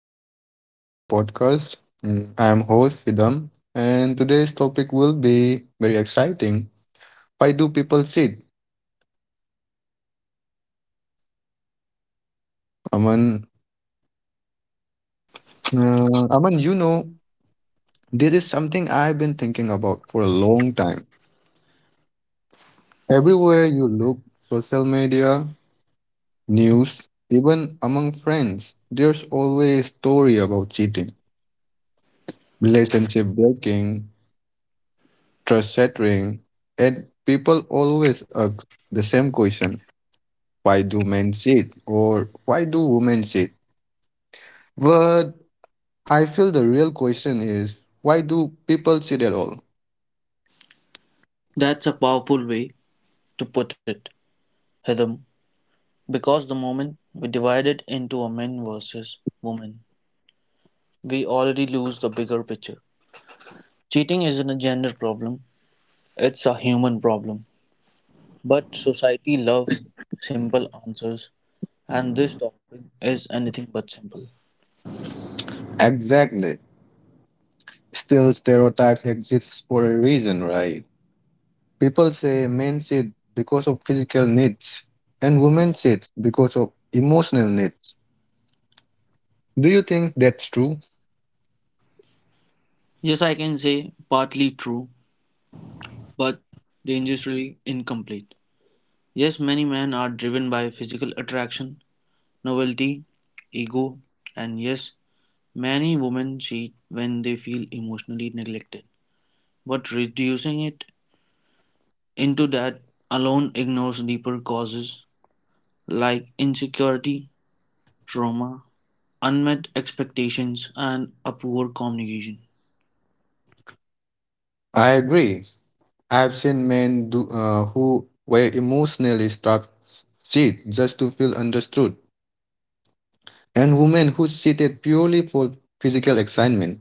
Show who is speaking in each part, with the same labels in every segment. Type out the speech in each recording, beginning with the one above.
Speaker 1: exciting episode of our podcast. I'm host Hidam, and today's topic will be very exciting. Why do people cheat? Aman, Aman, this is something I've been thinking about for a long time. Everywhere you look, social media, news, even among friends, there's always a story about cheating, relationship breaking, trust shattering, and people always ask the same question: why do men cheat or why do women cheat? But I feel the real question is why do people cheat at all?
Speaker 2: That's a powerful way to put it, Hitham, because the moment we divide it into a men versus women, we already lose the bigger picture. Cheating isn't a gender problem, it's a human problem. But society loves simple answers, and this topic is anything but simple.
Speaker 1: Exactly. Still, stereotypes exist for a reason, right? People say men cheat because of physical needs and women cheat because of emotional needs. Do you think that's true?
Speaker 2: Yes, I can say partly true, but dangerously incomplete. Yes, many men are driven by physical attraction, novelty, ego, and yes, many women cheat when they feel emotionally neglected, but reducing it into that alone ignores deeper causes like insecurity, trauma, unmet expectations, and a poor communication.
Speaker 1: I agree. I've seen men who were emotionally strapped sit just to feel understood, and women who cheated purely for physical excitement.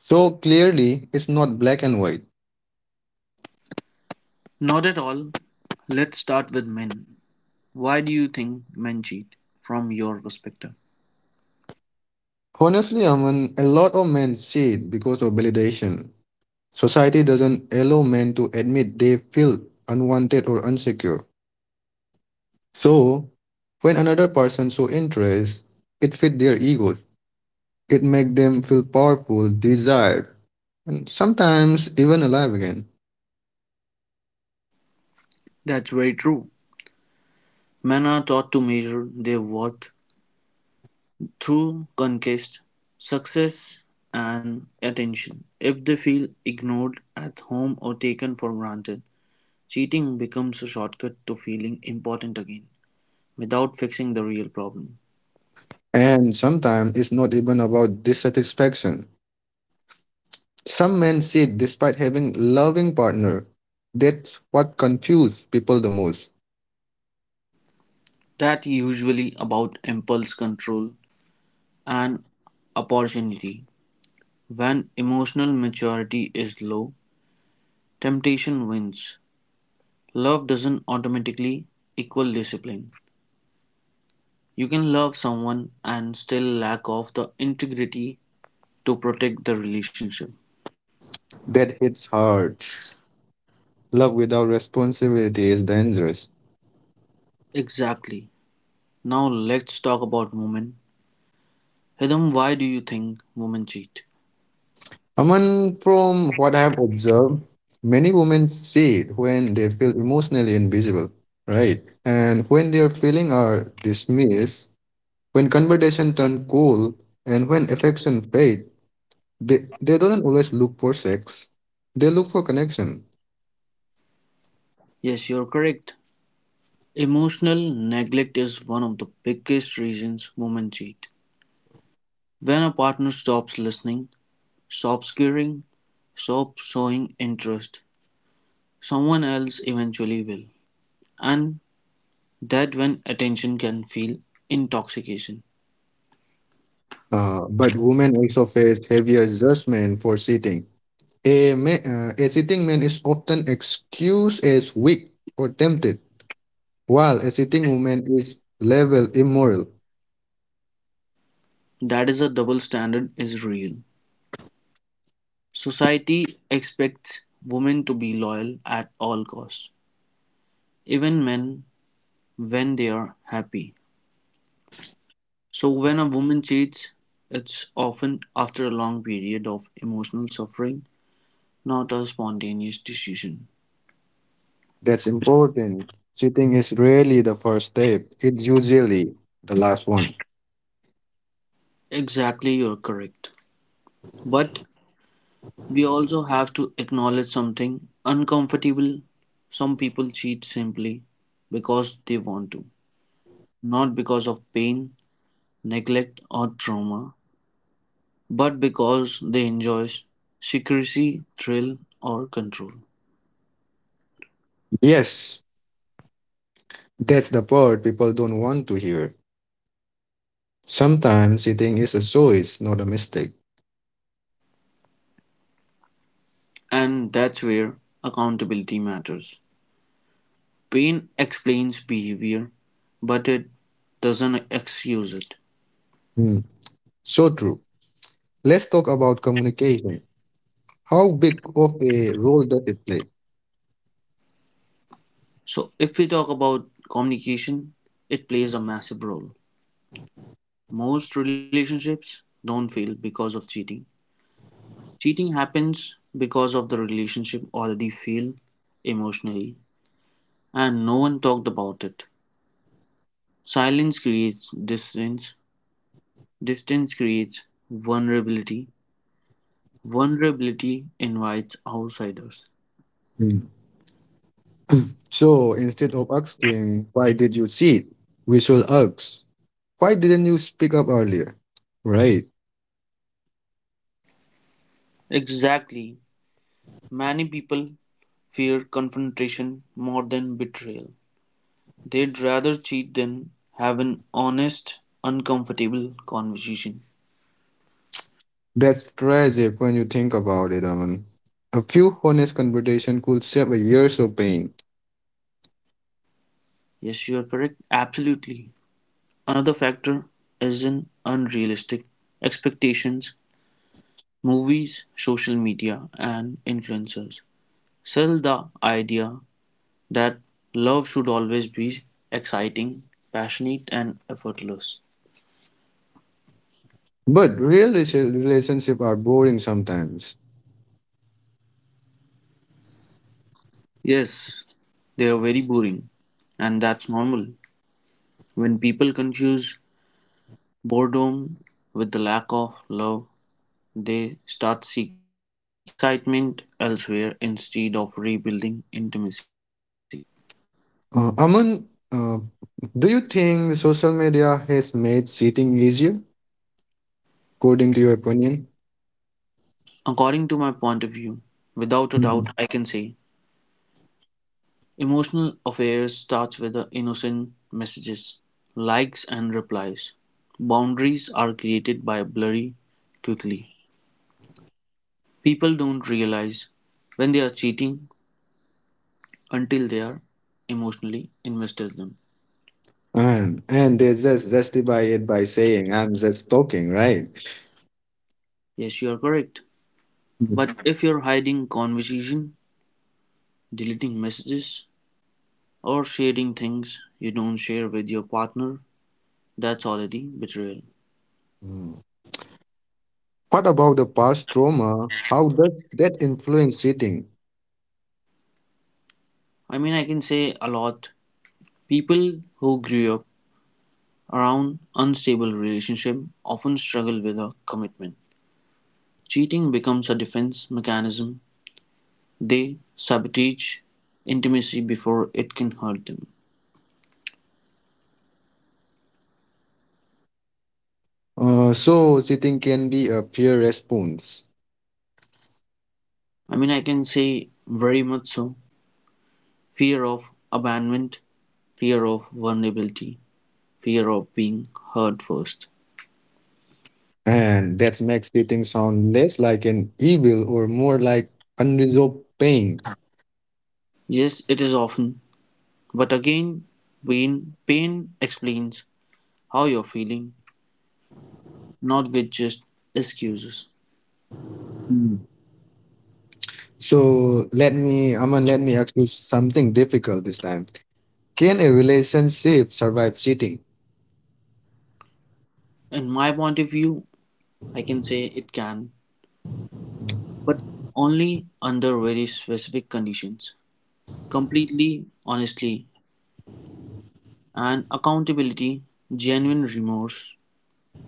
Speaker 1: So clearly, it's not black and white.
Speaker 2: Not at all. Let's start with men. Why do you think men cheat from your perspective?
Speaker 1: Honestly, Aman, a lot of men cheat because of validation. Society doesn't allow men to admit they feel unwanted or insecure. So, when another person shows interest, it fits their egos. It make them feel powerful, desired, and sometimes even alive again.
Speaker 2: That's very true. Men are taught to measure their worth through conquest, success, and attention. If they feel ignored at home or taken for granted, cheating becomes a shortcut to feeling important again without fixing the real problem.
Speaker 1: And sometimes it's not even about dissatisfaction. Some men cheat despite having loving partner. That's what confuses people the most.
Speaker 2: That usually about impulse control and opportunity. When emotional maturity is low, temptation wins. Love doesn't automatically equal discipline. You can love someone and still lack of the integrity to protect the relationship.
Speaker 1: That hits hard. Love without responsibility is dangerous.
Speaker 2: Exactly. Now let's talk about women. Hidam, why do you think women cheat?
Speaker 1: Aman, from what I have observed, many women cheat when they feel emotionally invisible, right? And when their feelings are dismissed, when conversation turn cold and when affection fade, they don't always look for sex. They look for connection.
Speaker 2: Yes, you're correct. Emotional neglect is one of the biggest reasons women cheat. When a partner stops listening, stops caring, stops showing interest, someone else eventually will. And that when attention can feel intoxication.
Speaker 1: But women also face heavier judgment for sitting. A sitting man is often excused as weak or tempted, while a sitting woman is labeled immoral.
Speaker 2: That is a double standard is real. Society expects women to be loyal at all costs, even men when they are happy. So when a woman cheats, it's often after a long period of emotional suffering, not a spontaneous decision.
Speaker 1: That's important. Sitting is rarely the first step, it's usually the last one.
Speaker 2: Exactly, you're correct. But we also have to acknowledge something uncomfortable. Some people cheat simply because they want to, not because of pain, neglect, or trauma, but because they enjoy secrecy, thrill, or control.
Speaker 1: Yes, that's the part people don't want to hear. Sometimes eating is a choice, not a mistake.
Speaker 2: And that's where accountability matters. Pain explains behavior, but it doesn't excuse it.
Speaker 1: Hmm. So true. Let's talk about communication. How big of a role does it play?
Speaker 2: So, if we talk about communication, it plays a massive role. Most relationships don't fail because of cheating. Cheating happens because of the relationship already failed emotionally and no one talked about it. Silence creates distance. Distance creates vulnerability. Vulnerability invites outsiders.
Speaker 1: Hmm. So instead of asking, why did you cheat? We should ask, why didn't you speak up earlier? Right.
Speaker 2: Exactly. Many people fear confrontation more than betrayal. They'd rather cheat than have an honest, uncomfortable conversation.
Speaker 1: That's tragic when you think about it, Aman. A few honest conversation could save a years of pain.
Speaker 2: Yes, you are correct. Absolutely. Another factor is an unrealistic expectations. Movies, social media, and influencers sell the idea that love should always be exciting, passionate, and effortless.
Speaker 1: But real relationships are boring sometimes.
Speaker 2: Yes, they are very boring, and that's normal. When people confuse boredom with the lack of love, they start seeking excitement elsewhere instead of rebuilding intimacy.
Speaker 1: Aman, do you think social media has made cheating easier, according to your opinion?
Speaker 2: According to my point of view, without a doubt,
Speaker 1: Mhm.
Speaker 2: I can say emotional affairs starts with the innocent messages, likes and replies. Boundaries are created by blurry quickly. People don't realize when they are cheating until they are emotionally invested in them.
Speaker 1: And they just justify it by saying, "I'm just talking," right?
Speaker 2: Yes, you are correct.
Speaker 1: Mhm.
Speaker 2: But if you're hiding conversation, deleting messages, or sharing things you don't share with your partner, that's already betrayal.
Speaker 1: Mm. What about the past trauma? How does that influence cheating?
Speaker 2: I can say a lot. People who grew up around unstable relationship, often struggle with a commitment. Cheating becomes a defense mechanism. They sabotage intimacy before it can hurt them.
Speaker 1: So cheating can be a fear response,
Speaker 2: I can say very much so. Fear of abandonment, fear of vulnerability, fear of being hurt first.
Speaker 1: and that makes cheating sound less like an evil or more like unresolved pain.
Speaker 2: Yes, it is often, but again, pain explains how you're feeling, not with just excuses.
Speaker 1: So let me, ask you something difficult this time. Can a relationship survive cheating?
Speaker 2: In my point of view, I can say it can, but only under very specific conditions: completely honestly, and accountability, genuine remorse,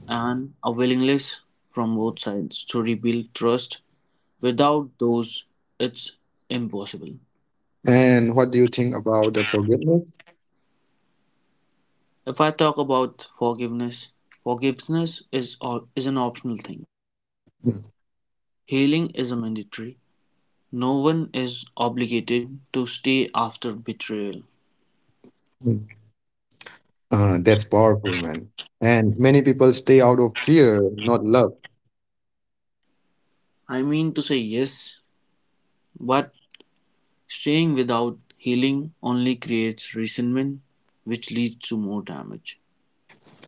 Speaker 2: and a willingness from both sides to rebuild trust. Without those, it's impossible.
Speaker 1: And what do you think about the forgiveness?
Speaker 2: If I talk about forgiveness, is an optional thing.
Speaker 1: Mm.
Speaker 2: Healing is a mandatory. No one is obligated to stay after betrayal.
Speaker 1: Mm. That's powerful, man. And many people stay out of fear, not love.
Speaker 2: I mean to say Yes, but staying without healing only creates resentment, which leads to more damage.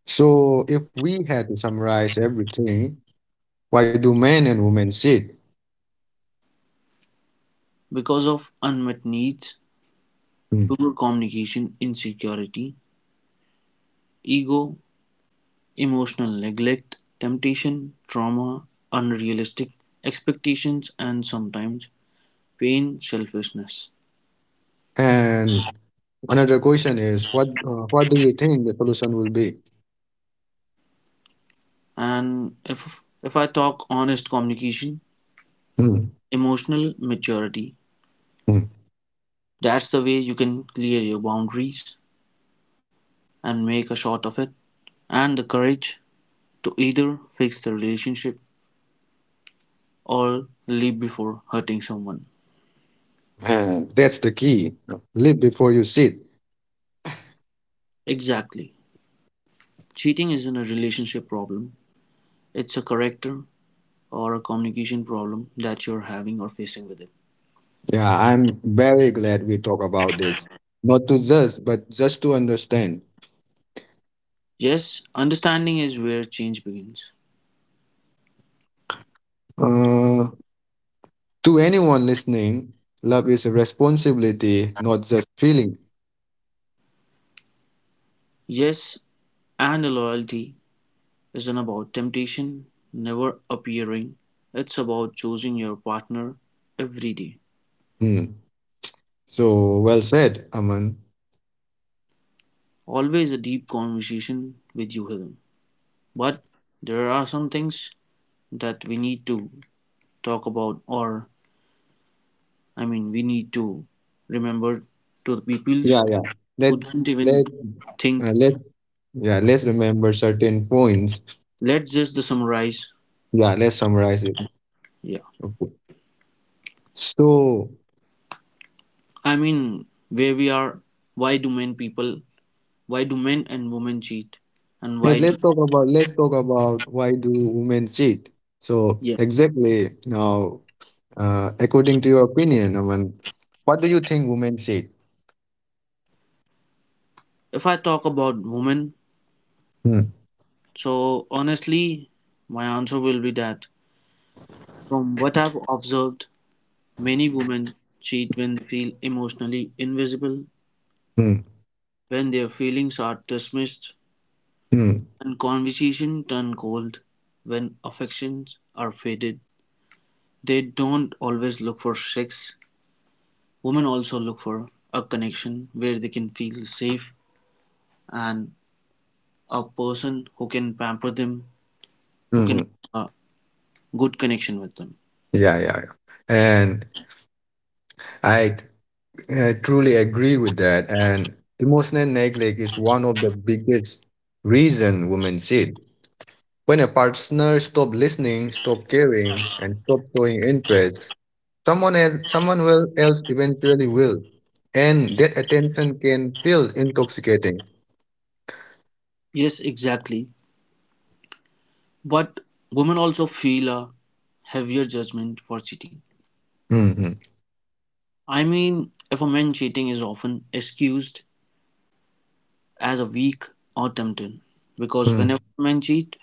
Speaker 1: So if we had to summarize everything, why do men and women cheat?
Speaker 2: Because of unmet needs,
Speaker 1: Mm.
Speaker 2: poor communication, insecurity, ego, emotional neglect, temptation, trauma, unrealistic expectations, and sometimes pain, selfishness.
Speaker 1: And another question is, what do you think the solution will be?
Speaker 2: And if I talk honest communication,
Speaker 1: Mm.
Speaker 2: emotional maturity,
Speaker 1: Mm.
Speaker 2: that's the way you can clear your boundaries and make a shot of it. And the courage to either fix the relationship or leave before hurting someone.
Speaker 1: And that's the key. Live before you cheat.
Speaker 2: Exactly. Cheating isn't a relationship problem, it's a character or a communication problem that you're having or facing with it.
Speaker 1: Yeah, I'm very glad we talk about this. Not to just, but just to understand.
Speaker 2: Yes, understanding is where change begins.
Speaker 1: Uh, to anyone listening, love is a responsibility, not just feeling.
Speaker 2: Yes, and loyalty isn't about temptation never appearing, it's about choosing your partner every day.
Speaker 1: Hmm. So well said, Aman.
Speaker 2: Always a deep conversation with you, Hidden. But there are some things that we need to talk about, or we need to remember to the
Speaker 1: Yeah,
Speaker 2: peoples
Speaker 1: yeah. Let
Speaker 2: who don't
Speaker 1: let
Speaker 2: even think.
Speaker 1: let yeah. Let's remember certain points.
Speaker 2: Let's just the summarize.
Speaker 1: Yeah, let's summarize it.
Speaker 2: Yeah,
Speaker 1: Okay. So
Speaker 2: where we are, why do men people, why do men and women cheat, and
Speaker 1: yes, let's talk about why do women cheat. So
Speaker 2: yeah,
Speaker 1: exactly now, according to your opinion, what do you think women cheat?
Speaker 2: if I talk about women,
Speaker 1: Hmm.
Speaker 2: so honestly, my answer will be that from what I've observed, many women cheat when they feel emotionally invisible,
Speaker 1: Hmm.
Speaker 2: when their feelings are dismissed,
Speaker 1: Hmm.
Speaker 2: when conversation turn cold, when affections are faded, they don't always look for sex. Women also look for a connection where they can feel safe and a person who can pamper them, who can
Speaker 1: Hmm.
Speaker 2: have a good connection with them.
Speaker 1: Yeah, yeah, yeah. And I, I truly agree with that. And emotional neglect is one of the biggest reason women cheat. When a partner stop listening, stop caring, and stop showing interest, someone else, someone will else eventually will, and that attention can feel intoxicating.
Speaker 2: Yes, exactly. But women also feel a heavier judgment for cheating.
Speaker 1: Mm-hmm.
Speaker 2: I mean, if a man cheating is often excused as a weak or tempted, because whenever men cheat,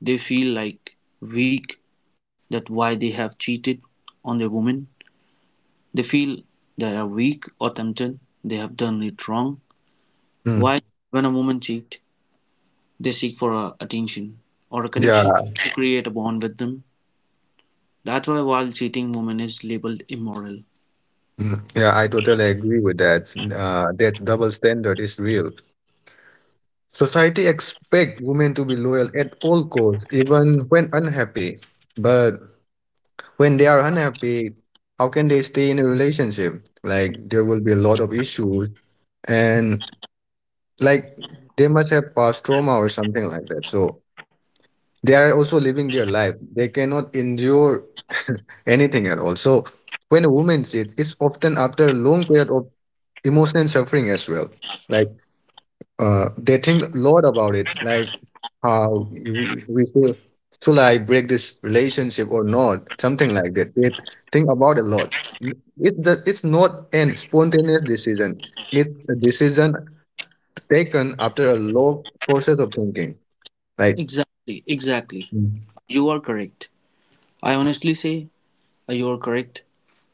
Speaker 2: they feel like weak, that why they have cheated on their woman. They feel they are weak or tempted, they have done it wrong.
Speaker 1: Mm-hmm.
Speaker 2: Why, when a woman cheat, they seek for a attention or a
Speaker 1: Yeah,
Speaker 2: connection to create a bond with them. That's why while cheating woman is labeled immoral.
Speaker 1: mm, yeah, I totally agree with that. That double standard is real. Society expects women to be loyal at all costs, even when unhappy. But when they are unhappy, how can they stay in a relationship? Like there will be a lot of issues, and like they must have past trauma or something like that. So they are also living their life. They cannot endure anything at all. So when a woman cheats, it's often after a long period of emotional suffering as well. Like they think a lot about it, like how we feel, should I break this relationship or not? Something like that. They think about a lot. It's not an spontaneous decision. It's a decision taken after a long process of thinking. Like,
Speaker 2: Exactly, exactly. You are correct. I honestly say you are correct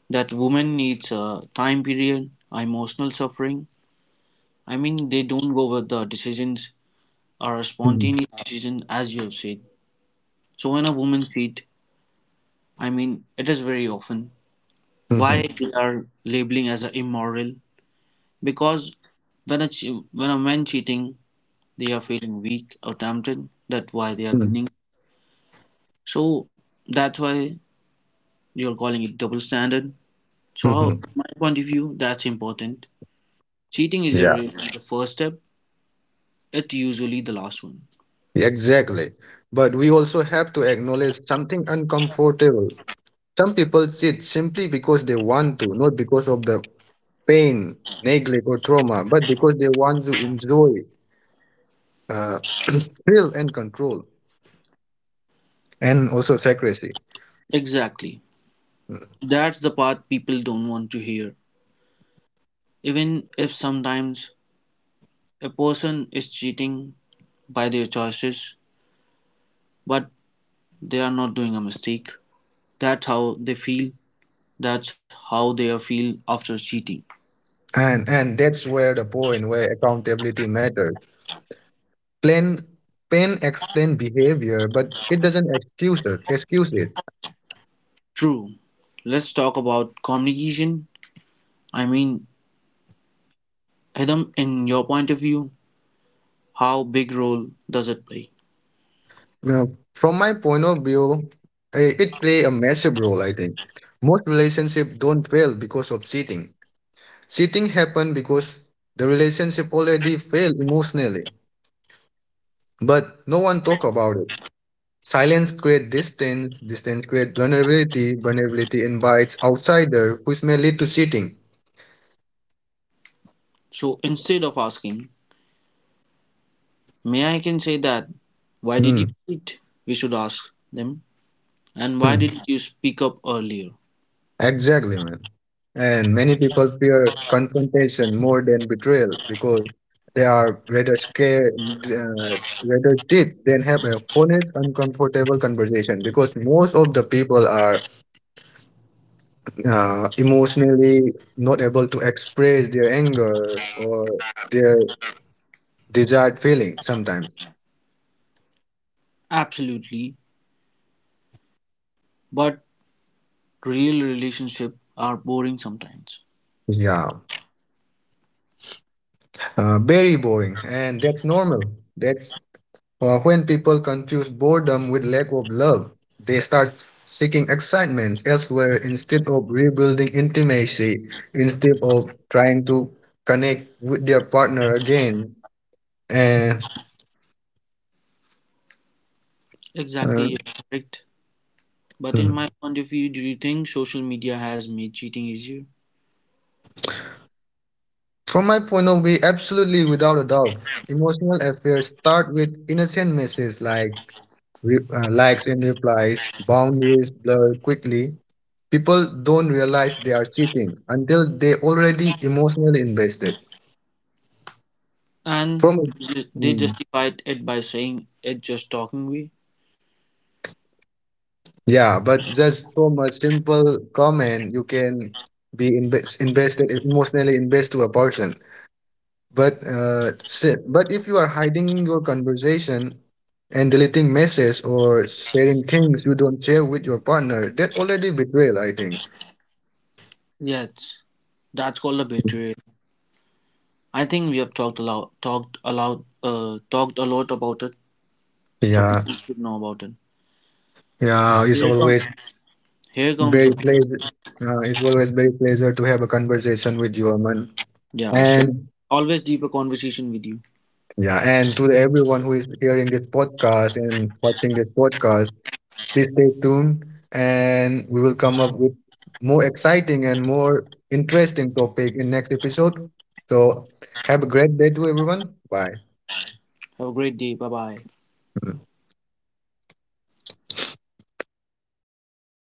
Speaker 2: that woman needs a time period, emotional suffering. They don't go with the decisions are a
Speaker 1: Mhm.
Speaker 2: spontaneous decision, as you have said. So when a woman cheat, it is very often why
Speaker 1: Mhm.
Speaker 2: they are labeling as a immoral because when a man cheating, they are feeling weak or tempted. That's why they are
Speaker 1: Mhm.
Speaker 2: doing. So that's why you are calling it double standard.
Speaker 1: Mhm.
Speaker 2: From my point of view, that's important. Cheating is
Speaker 1: Yeah,
Speaker 2: the first step. It's usually the last one.
Speaker 1: exactly. But we also have to acknowledge something uncomfortable. Some people sit simply because they want to, not because of the pain, neglect, or trauma, but because they want to enjoy uh, thrill and control, and also secrecy.
Speaker 2: Exactly.
Speaker 1: Mm.
Speaker 2: That's the part people don't want to hear. Even if sometimes a person is cheating by their choices, but they are not doing a mistake. That's how they feel. That's how they feel after cheating.
Speaker 1: And that's where the point where accountability matters. Plan, pain explain behavior, but it doesn't excuse it.
Speaker 2: True. Let's talk about communication. I mean, Hidam, in your point of view, how big role does it play?
Speaker 1: Now, from my point of view, it play a massive role, I think. Most relationships don't fail because of cheating. Cheating happen because the relationship already failed emotionally, but no one talk about it. Silence create distance, distance create vulnerability, vulnerability invites outsider, which may lead to cheating.
Speaker 2: So instead of asking, may I can say that, why did
Speaker 1: Hmm.
Speaker 2: you cheat? We should ask them, and why
Speaker 1: Hmm.
Speaker 2: did you speak up earlier?
Speaker 1: Exactly, man. And many people fear confrontation more than betrayal because they are rather scared, uh, rather deep than have a honest, uncomfortable conversation. Because most of the people are emotionally not able to express their anger or their desired feeling sometimes.
Speaker 2: Absolutely. But real relationships are boring sometimes.
Speaker 1: Yeah, very boring, and that's normal. That's when people confuse boredom with lack of love, they start seeking excitements elsewhere instead of rebuilding intimacy, instead of trying to connect with their partner again. And
Speaker 2: Exactly,
Speaker 1: uh,
Speaker 2: you're correct. But in my
Speaker 1: hmm.
Speaker 2: point of view, do you think social media has made cheating easier?
Speaker 1: From my point of view, absolutely without a doubt, emotional affairs start with innocent misses like likes and replies, boundaries blur quickly. People don't realize they are cheating until they already emotionally invested.
Speaker 2: And
Speaker 1: From
Speaker 2: they
Speaker 1: Mm,
Speaker 2: justified it by saying it just talking way.
Speaker 1: yeah, but just from a simple comment, you can be invest, invested emotionally invest to a person. But but if you are hiding your conversation and deleting messages or sharing things you don't share with your partner, that already betrayal, I think.
Speaker 2: Yes, that's called a betrayal. I think we have talked a lot about it, so
Speaker 1: Yeah,
Speaker 2: people should know about it.
Speaker 1: yeah, it's
Speaker 2: Here comes,
Speaker 1: always
Speaker 2: here comes
Speaker 1: very
Speaker 2: the
Speaker 1: pleasure. It's always very pleasure to have a conversation with you, Aman.
Speaker 2: yeah, sure.
Speaker 1: And
Speaker 2: Always deeper conversation with you.
Speaker 1: Yeah, and to everyone who is hearing this podcast and watching this podcast, please stay tuned and we will come up with more exciting and more interesting topic in next episode. So have a great day to everyone. Bye.
Speaker 2: Have a great day. Bye bye.